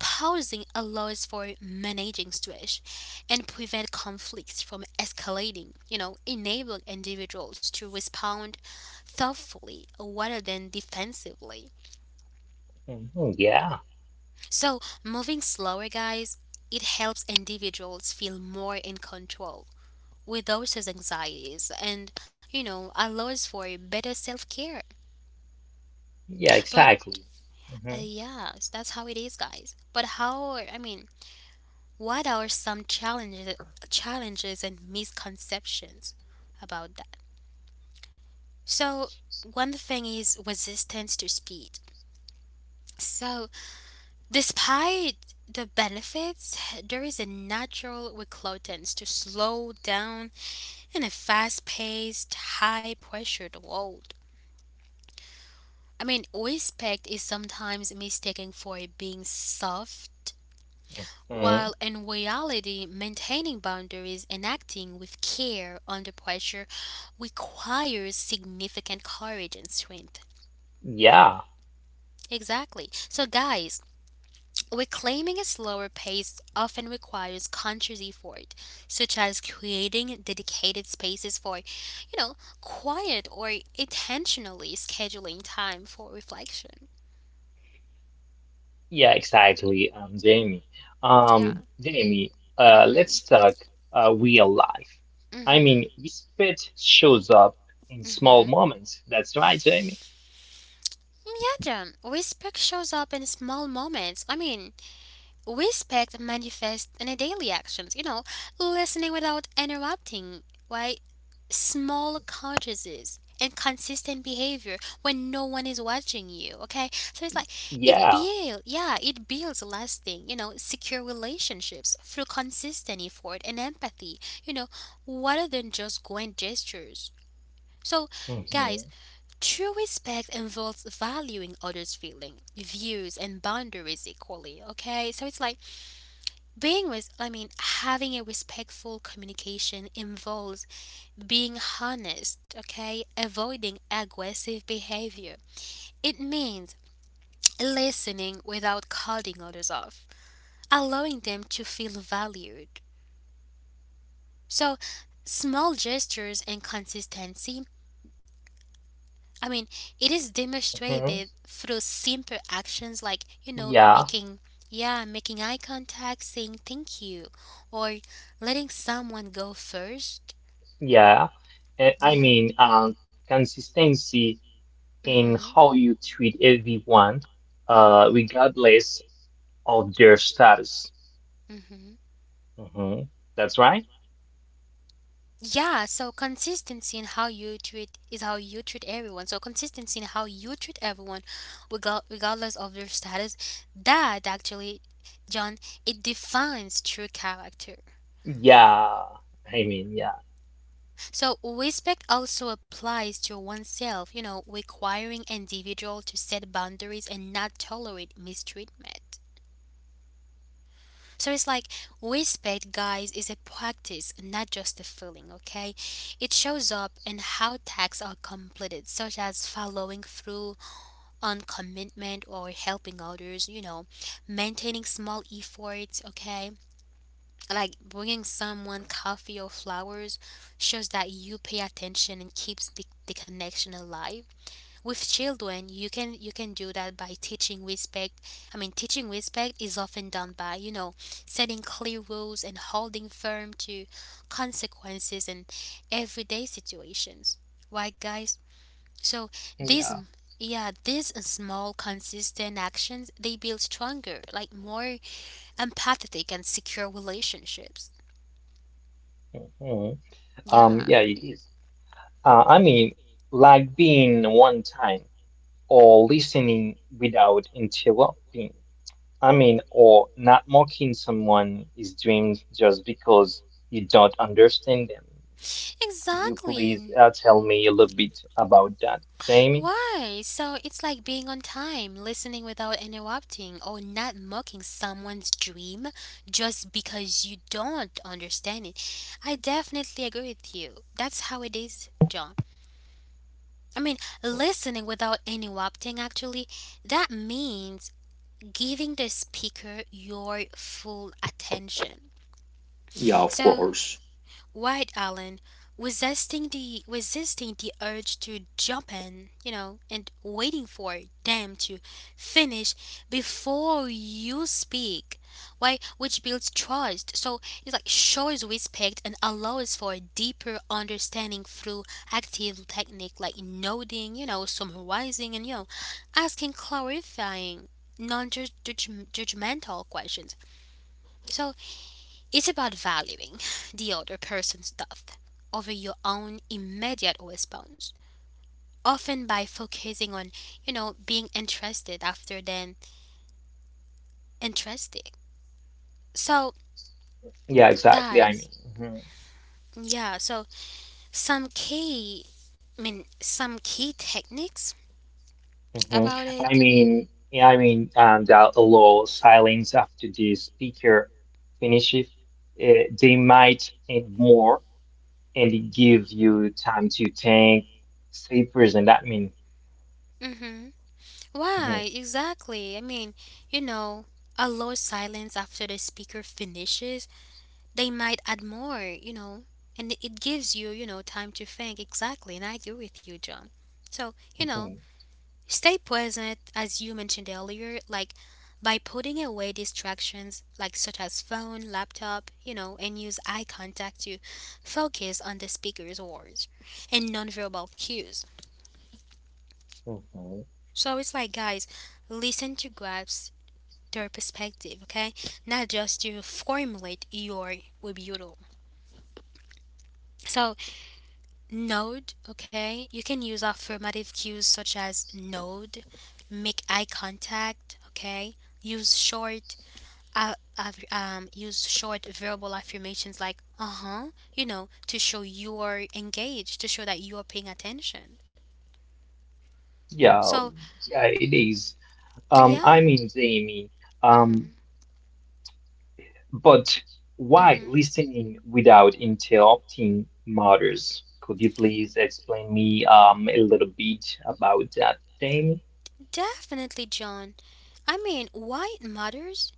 Speaker 1: pausing allows for managing stress and prevent conflicts from escalating, you know, enabling individuals to respond thoughtfully rather than defensively.
Speaker 3: Mhm. Yeah.
Speaker 1: So, moving slower, guys, it helps individuals feel more in control with those anxieties and, you know, allows for better self-care.
Speaker 3: Yeah,
Speaker 1: But
Speaker 3: exactly.
Speaker 1: uh,
Speaker 3: Hmm.
Speaker 1: yeah, that's how it is, guys. But how, I mean, what are some challenges challenges and misconceptions about that? So, one thing is resistance to speed. So, despite the benefits, there is a natural reluctance to slow down in a fast-paced, high-pressured world. I mean, respect is sometimes mistaken for being soft.
Speaker 3: Hmm.
Speaker 1: While in reality, maintaining boundaries and acting with care under pressure requires significant courage and strength.
Speaker 3: Yeah.
Speaker 1: Exactly. So, guys, reclaiming a slower pace often requires conscious effort, such as creating dedicated spaces for, you know, quiet or intentionally scheduling time for reflection.
Speaker 3: Yeah, exactly, um, Jamie.
Speaker 1: Yeah.
Speaker 3: Um, Jamie,
Speaker 1: Mm
Speaker 3: uh,
Speaker 1: hmm.
Speaker 3: let's talk uh, real life.
Speaker 1: Mm
Speaker 3: I
Speaker 1: hmm.
Speaker 3: mean, this pet shows up in
Speaker 1: Mm
Speaker 3: small
Speaker 1: hmm.
Speaker 3: moments. That's right, Jamie.
Speaker 1: Yeah, respect shows up in small moments. I mean, respect manifests in daily actions, you know, listening without interrupting, right? Small consciences and consistent behavior when no one is watching you, okay? So it's like it
Speaker 3: Yeah.
Speaker 1: builds, yeah, it builds lasting, you know, secure relationships through consistent effort and empathy, you know, rather than just grand gestures. So,
Speaker 3: Hmm.
Speaker 1: guys, true respect involves valuing others' feelings, views, and boundaries equally, okay? So it's like being with, I mean, having a respectful communication involves being honest, okay? Avoiding aggressive behavior. It means listening without cutting others off, allowing them to feel valued. So, small gestures and consistency I mean, it is
Speaker 3: Hmm.
Speaker 1: demonstrated through simple actions like, you know,
Speaker 3: Yeah.
Speaker 1: making, yeah, making eye contact, saying thank you, or letting someone go first.
Speaker 3: Yeah. Uh, I
Speaker 1: Yeah.
Speaker 3: mean, um, Consistency in
Speaker 1: Mm-hmm.
Speaker 3: how you treat everyone, uh,
Speaker 1: Mm-hmm.
Speaker 3: regardless of their status.
Speaker 1: Mm-hmm.
Speaker 3: Hmm. That's right.
Speaker 1: Yeah, so consistency in how you treat is how you treat everyone. So consistency in how you treat everyone, regal- regardless of their status, that actually, John, it defines true character.
Speaker 3: Yeah, I mean, yeah,
Speaker 1: So respect also applies to oneself, you know, requiring individual to set boundaries and not tolerate mistreatment. So it's like respect, guys, is a practice, not just a feeling, okay? It shows up in how tasks are completed, such as following through on commitment or helping others, you know, maintaining small efforts, okay? Like bringing someone coffee or flowers shows that you pay attention and keeps the, the connection alive. With children you can you can do that by teaching respect. I mean teaching respect is often done by you know setting clear rules and holding firm to consequences in everyday situations, right guys? So these
Speaker 3: yeah.
Speaker 1: yeah these small consistent actions they build stronger like more empathetic and secure relationships.
Speaker 3: Mhm. Um,
Speaker 1: Yeah,
Speaker 3: yeah, it is. Uh, I mean, like being one time or listening without interrupting. I mean, or not mocking someone is dreams just because you don't understand them. Could you please
Speaker 1: exactly.
Speaker 3: uh, tell me a little bit about that, Jamie?
Speaker 1: Why? So it's like being on time, listening without interrupting, or not mocking someone's dream just because you don't understand it. I definitely agree with you. That's how it is, John. I mean, listening without interrupting actually, that means giving the speaker your full attention.
Speaker 2: yeah, of
Speaker 1: So
Speaker 2: course.
Speaker 1: White Allen, resisting the resisting the urge to jump in, you know, and waiting for them to finish before you speak. Why, which builds trust. So it's like shows respect and allows for a deeper understanding through active technique like nodding, you know, summarizing, and you know, asking clarifying, non-judgmental questions. So it's about valuing the other person's thought over your own immediate response, often by focusing on, you know, being interested after than interesting. So,
Speaker 3: Yeah, exactly. I mean,
Speaker 1: guys,
Speaker 3: mhm,
Speaker 1: yeah, so some key, I mean, some key techniques
Speaker 3: mhm.
Speaker 1: about
Speaker 3: I
Speaker 1: it.
Speaker 3: mean, yeah, I mean, and uh, a low silence after the speaker finishes, uh, they might add more and it give you time to think, stay present. That mean,
Speaker 1: Mm-hmm.
Speaker 3: mhm,
Speaker 1: Why? Exactly. I mean, you know, allow silence after the speaker finishes they might add more, you know, and it it gives you, you know, time to think exactly. And I agree with you, John. So, you know,
Speaker 3: mhm,
Speaker 1: stay present, as you mentioned earlier, like by putting away distractions, like such as phone, laptop, you know, and use eye contact to focus on the speaker's words and nonverbal cues.
Speaker 3: mhm.
Speaker 1: So it's like, guys, listen to grasp their perspective, okay? Not just to formulate your rebuttal. So nod, okay? You can use affirmative cues such as nod, make eye contact, okay? Use short uh, aff- um, use short verbal affirmations like uh-huh, you know, to show you're engaged, to show that you're paying attention.
Speaker 3: Yeah,
Speaker 1: So,
Speaker 3: yeah, it is. Um,
Speaker 1: yeah.
Speaker 3: I mean, Jamie. Um,
Speaker 1: Mhm.
Speaker 3: But why
Speaker 1: Mhm.
Speaker 3: listening without interrupting matters? Could you please explain me um, a little bit about that, Jamie?
Speaker 1: Definitely, John. I mean, why it matters?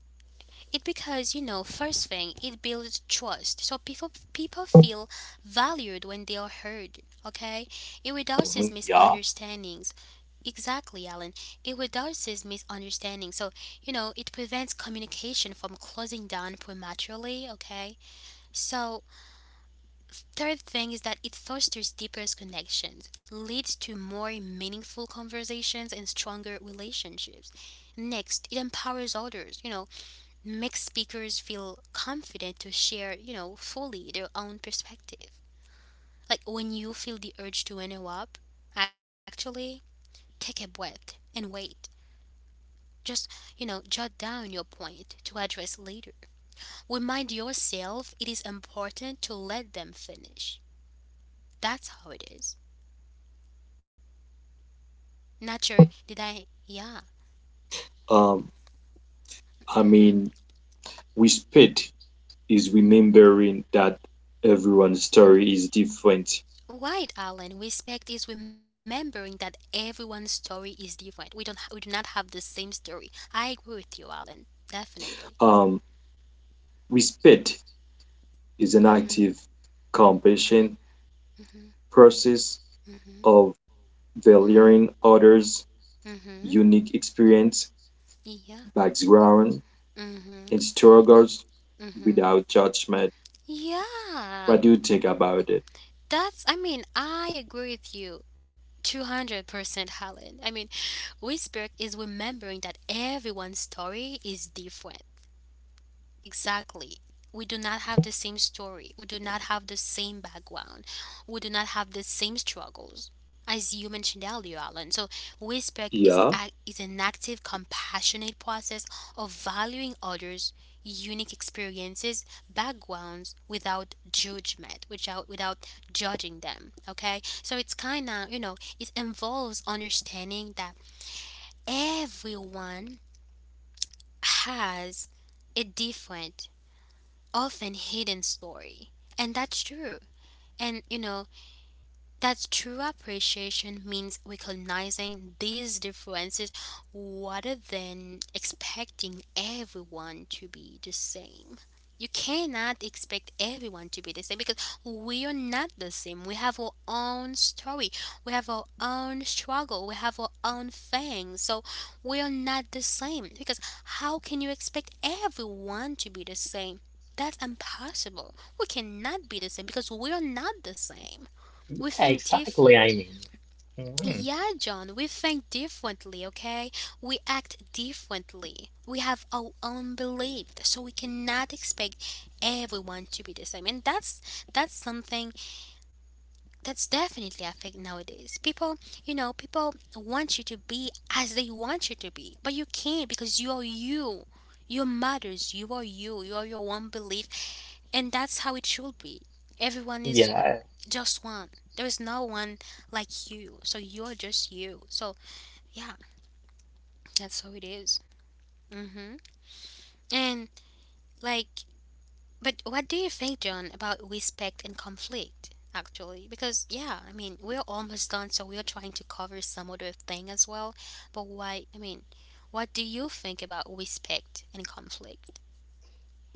Speaker 1: It because you know first thing it builds trust, so people people feel valued when they are heard. Okay, it reduces
Speaker 2: Mhm, yeah.
Speaker 1: misunderstandings. Exactly, Alan. It reduces misunderstanding. So, you know, it prevents communication from closing down prematurely, okay? So, third thing is that it fosters deeper connections, leads to more meaningful conversations and stronger relationships. Next, it empowers others. You know, makes speakers feel confident to share, you know, fully their own perspective. Like when you feel the urge to interrupt, actually take a breath and wait. Just, you know, jot down your point to address later. Remind yourself it is important to let them finish. That's how it is. Not sure, did I? Yeah.
Speaker 2: Um, I
Speaker 1: hmm
Speaker 2: mean, with pet is remembering that everyone's story is different.
Speaker 1: Right, Alan. Respect is remembering that everyone's story is different. We don't, ha- We do not have the same story. I agree with you, Alan. Definitely.
Speaker 2: Um, with pet is an
Speaker 1: Mhm.
Speaker 2: active compassion
Speaker 1: Mhm.
Speaker 2: process
Speaker 1: Mhm.
Speaker 2: of
Speaker 1: Mhm.
Speaker 2: valuing others'
Speaker 1: Mhm.
Speaker 2: unique experience,
Speaker 1: Yeah.
Speaker 2: background,
Speaker 1: Mhm.
Speaker 2: and struggles
Speaker 1: Mhm.
Speaker 2: without judgment.
Speaker 1: Yeah.
Speaker 2: What do you think about it?
Speaker 1: That's. I mean, I agree with you. two hundred percent Helen. I mean, respect is remembering that everyone's story is different. Exactly. We do not have the same story. We do not have the same background. We do not have the same struggles. As you mentioned earlier, Alan, so respect is,
Speaker 2: Yeah.
Speaker 1: ac is an active, compassionate process of valuing others' unique experiences, backgrounds, without judgment, without, without judging them. Okay? So it's kind of, you know, it involves understanding that everyone has a different often hidden story. And that's true. And you know, that true appreciation means recognizing these differences rather than expecting everyone to be the same. You cannot expect everyone to be the same because we are not the same. We have our own story, we have our own struggle, we have our own things. So we are not the same because how can you expect everyone to be the same? That's impossible. We cannot be the same because we are not the same. We
Speaker 3: Yeah,
Speaker 1: think
Speaker 3: exactly.
Speaker 1: different.
Speaker 3: I mean, mhm,
Speaker 1: Yeah, John, we think differently, okay? We act differently. We have our own belief, so we cannot expect everyone to be the same. And that's that's something that's definitely I think nowadays. People, you know, people want you to be as they want you to be, but you can't because you are you. You matters. You are you. You are your own belief, and that's how it should be. Everyone is
Speaker 3: yeah.
Speaker 1: just one. There is no one like you. So you're just you. So yeah, that's how it is. Mm-hmm. And like, but what do you think, John, about respect and conflict? Actually, because yeah, I mean, we're almost done, so we're trying to cover some other thing as well. But why? I mean, what do you think about respect and conflict?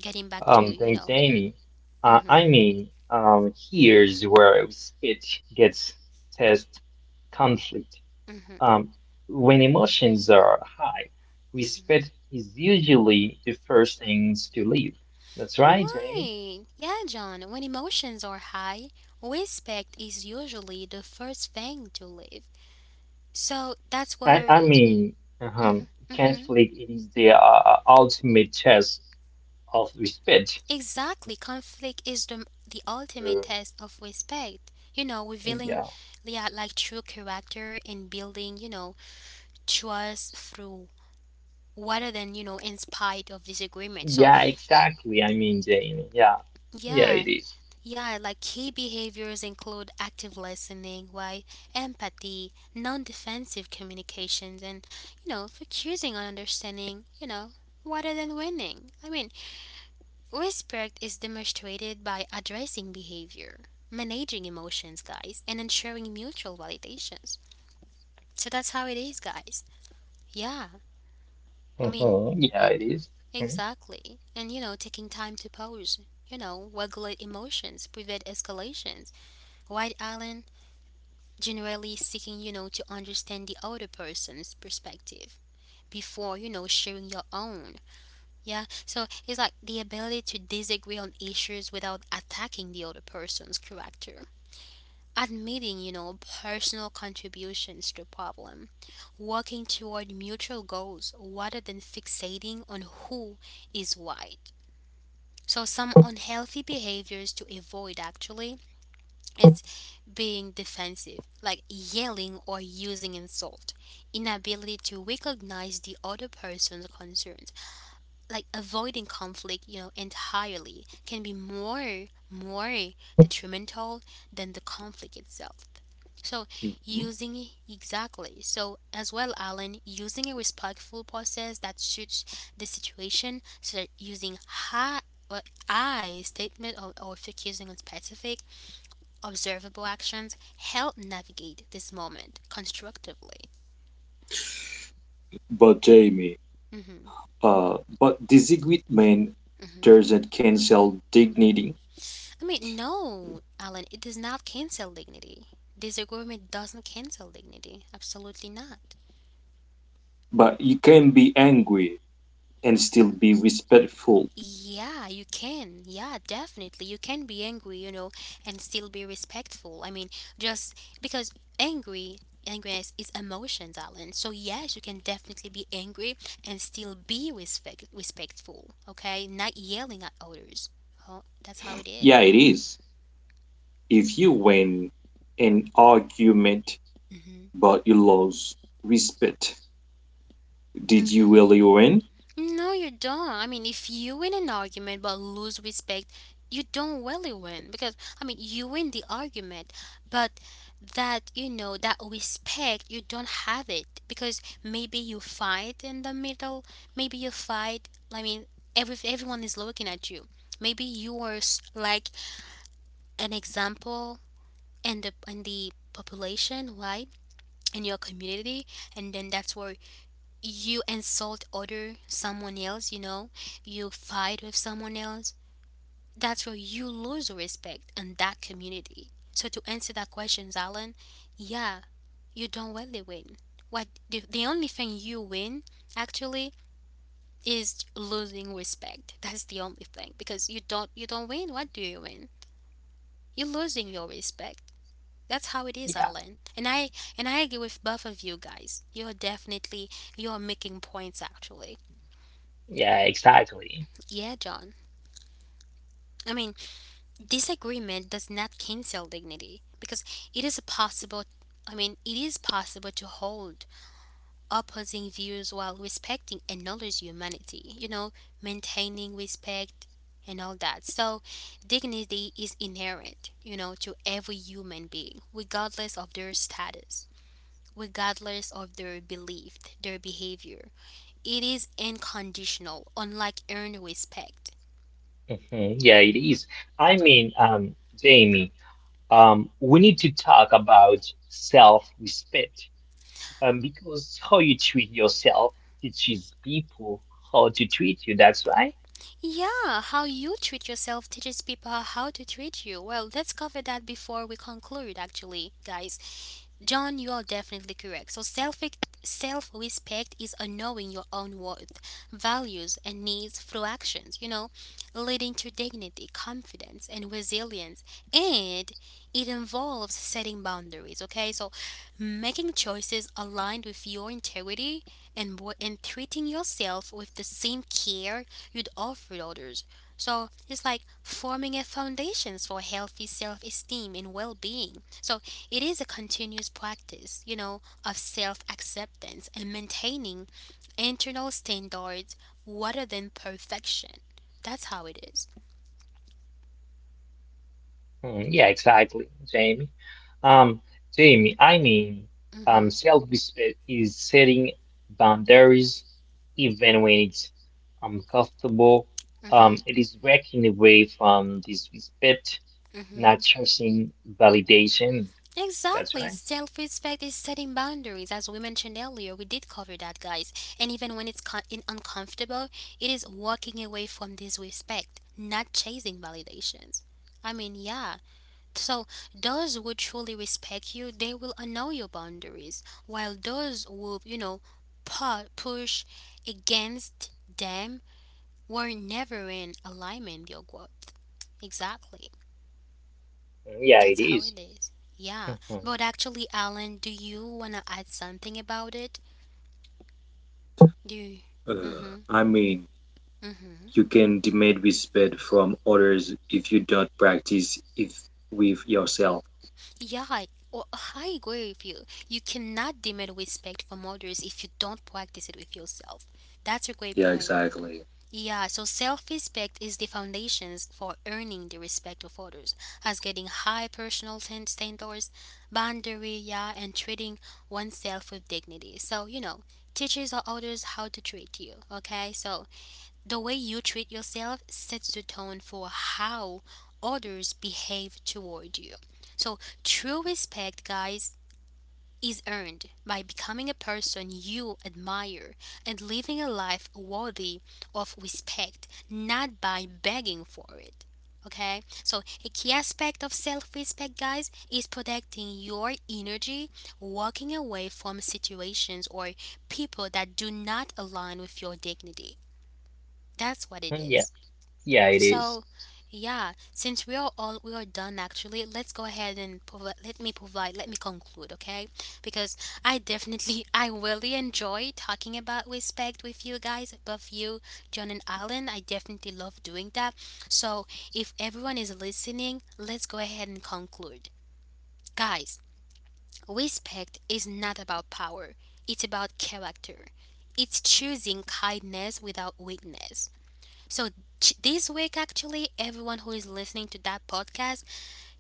Speaker 1: Getting back to
Speaker 3: Um,
Speaker 1: you
Speaker 3: thanks,
Speaker 1: know.
Speaker 3: Jamie. Uh,
Speaker 1: Mm-hmm.
Speaker 3: I mean, um, here's where speech gets test conflict.
Speaker 1: Mm-hmm.
Speaker 3: Um, when emotions are high,
Speaker 1: Mm-hmm.
Speaker 3: respect is usually the first things to leave. That's right, Jamie.
Speaker 1: Why? Yeah, John, when emotions are high, respect is usually the first thing to leave. So that's
Speaker 3: I,
Speaker 1: where.
Speaker 3: I mean, um,
Speaker 1: Mhm, mhm.
Speaker 3: conflict is the uh, uh, ultimate test of respect.
Speaker 1: Exactly, conflict is the, the ultimate
Speaker 3: Uh,
Speaker 1: test of respect. You know, revealing
Speaker 3: yeah,
Speaker 1: yeah, like true character and building, you know, trust through rather than, you know, in spite of disagreement. So,
Speaker 3: yeah, exactly. I mean, Jamie, yeah, yeah,
Speaker 1: yeah,
Speaker 3: it is.
Speaker 1: yeah, like key behaviors include active listening, why empathy, non-defensive communications, and you know, focusing on understanding, you know, rather than winning. I mean, respect is demonstrated by addressing behavior, managing emotions, guys, and ensuring mutual validations. So that's how it is, guys. Yeah, I mean,
Speaker 3: Mm-hmm. Yeah, it is. Mhm.
Speaker 1: exactly. And you know, taking time to pause, you know, regulate emotions, prevent escalations. White Island generally seeking, you know, to understand the other person's perspective before, you know, sharing your own. Yeah. So it's like the ability to disagree on issues without attacking the other person's character. Admitting, you know, personal contributions to a problem. Working toward mutual goals rather than fixating on who is right. So some unhealthy behaviors to avoid actually it's being defensive, like yelling or using insult, inability to recognize the other person's concerns, like avoiding conflict, you know, entirely can be more more detrimental than the conflict itself. So
Speaker 2: Mhm.
Speaker 1: using exactly. So as well, Alan, using a respectful process that suits the situation. So that using ha, or I statement or, or focusing on specific observable actions help navigate this moment constructively.
Speaker 2: But Jamie,
Speaker 1: hmm
Speaker 2: uh, but disagreement
Speaker 1: hmm
Speaker 2: doesn't cancel dignity,
Speaker 1: I mean, no, Alan, it does not cancel dignity. Disagreement doesn't cancel dignity. Absolutely not.
Speaker 2: but you can be angry and still be respectful.
Speaker 1: Yeah, you can. Yeah, definitely. You can be angry, you know, and still be respectful. I mean, just because angry, angriness is emotions, Alan. So yes, you can definitely be angry and still be respect respectful. Okay, not yelling at others. Oh, that's how it is.
Speaker 2: Yeah, it is. If you win an argument
Speaker 1: Mm-hmm.
Speaker 2: but you lose respect, did you
Speaker 1: Mm-hmm.
Speaker 2: really win?
Speaker 1: No, you don't. I mean, if you win an argument but lose respect, you don't really win because I mean, you win the argument, but that you know that respect you don't have it because maybe you fight in the middle, maybe you fight. I mean, every everyone is looking at you. Maybe you are s- like an example in the in the population, right? In your community, and then that's where you insult other someone else, you know, you fight with someone else, that's where you lose respect in that community. So to answer that question, Alan, yeah, you don't really win. What the, the only thing you win actually is losing respect. That's the only thing because you don't you don't win. What do you win? You're losing your respect. That's how it is,
Speaker 3: Yeah,
Speaker 1: Alan. And I and I agree with both of you guys. You're definitely you're making points actually.
Speaker 3: yeah, exactly.
Speaker 1: Yeah, John. I mean, disagreement does not cancel dignity because it is possible. I mean, it is possible to hold opposing views while respecting and knowledge humanity, you know, maintaining respect and all that. So, dignity is inherent, you know, to every human being, regardless of their status, regardless of their belief, their behavior. It is unconditional, unlike earned respect.
Speaker 3: Hmm. Yeah, it is. I mean, um, Jamie, um, we need to talk about self-respect, um, because how you treat yourself teaches people how to treat you. That's right.
Speaker 1: Yeah, how you treat yourself teaches people how to treat you. Well, let's cover that before we conclude, actually, guys. John, you are definitely correct. So self self respect is a knowing your own worth, values, and needs through actions. You know, leading to dignity, confidence, and resilience. And it involves setting boundaries. Okay, so making choices aligned with your integrity and wo- and treating yourself with the same care you'd offer others. So it's like forming a foundations for healthy self-esteem and well-being. So it is a continuous practice, you know, of self acceptance and maintaining internal standards rather than perfection. That's how it is.
Speaker 3: Mm, yeah, exactly, Jamie. Um, Jamie, I mean, um,
Speaker 1: Mm-hmm,
Speaker 3: self-respect is setting boundaries even when it's uncomfortable. Um,
Speaker 1: mm-hmm,
Speaker 3: it is breaking away from disrespect,
Speaker 1: mm-hmm.
Speaker 3: not chasing validation. That's
Speaker 1: Exactly.
Speaker 3: right.
Speaker 1: Self respect is setting boundaries. As we mentioned earlier, we did cover that, guys. And even when it's con- in uncomfortable, it is walking away from disrespect, not chasing validations. I mean, yeah. So, those who truly respect you, they will honor your boundaries, while those who, you know, pu- push against them were never in alignment with your growth. Exactly.
Speaker 3: Mm, yeah,
Speaker 1: That's
Speaker 3: it
Speaker 1: how
Speaker 3: is.
Speaker 1: it is. Yeah.
Speaker 3: Mhm.
Speaker 1: But actually, Alan, do you want to add something about it? Do you?
Speaker 2: Uh,
Speaker 1: Mm-hmm.
Speaker 2: I mean,
Speaker 1: Mm-hmm.
Speaker 2: you can demand respect from others if you don't practice it with yourself.
Speaker 1: Yeah, I, well, I agree with you. You cannot demand respect from others if you don't practice it with yourself. That's a great
Speaker 2: Yeah,
Speaker 1: point.
Speaker 2: exactly.
Speaker 1: Yeah, so self respect is the foundations for earning the respect of others, as getting high personal stan- standards, boundary, yeah, and treating oneself with dignity. So, you know, teaches others how to treat you, okay? So, the way you treat yourself sets the tone for how others behave toward you. So, true respect, guys, is earned by becoming a person you admire and living a life worthy of respect, not by begging for it. Okay, so a key aspect of self respect, guys, is protecting your energy, walking away from situations or people that do not align with your dignity. That's what it
Speaker 3: Yeah,
Speaker 1: is.
Speaker 3: yeah, it is.
Speaker 1: So, yeah, since we are all we are done actually, let's go ahead and provide, let me provide, let me conclude, okay? Because I definitely, [laughs] I really enjoy talking about respect with you guys, both you, John and Alan. I definitely love doing that. So, if everyone is listening, let's go ahead and conclude. Guys, respect is not about power. It's about character. It's choosing kindness without weakness. So ch- this week, actually, everyone who is listening to that podcast,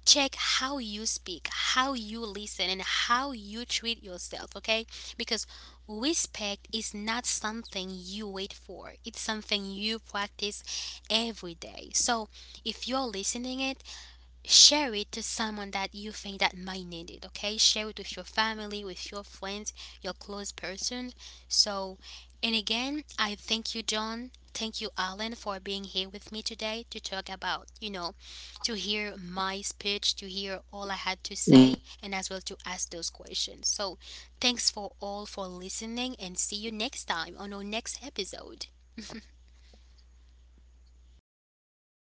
Speaker 1: check how you speak, how you listen, and how you treat yourself. Okay, because respect is not something you wait for; it's something you practice every day. So if you're listening it, share it to someone that you think that might need it, okay? Share it with your family, with your friends, your close person. So and again, I thank you, John, thank you, Alan, for being here with me today to talk about, you know to hear my speech, to hear all I had to say, and as well to ask those questions. So thanks for all for listening and see you next time on our next episode.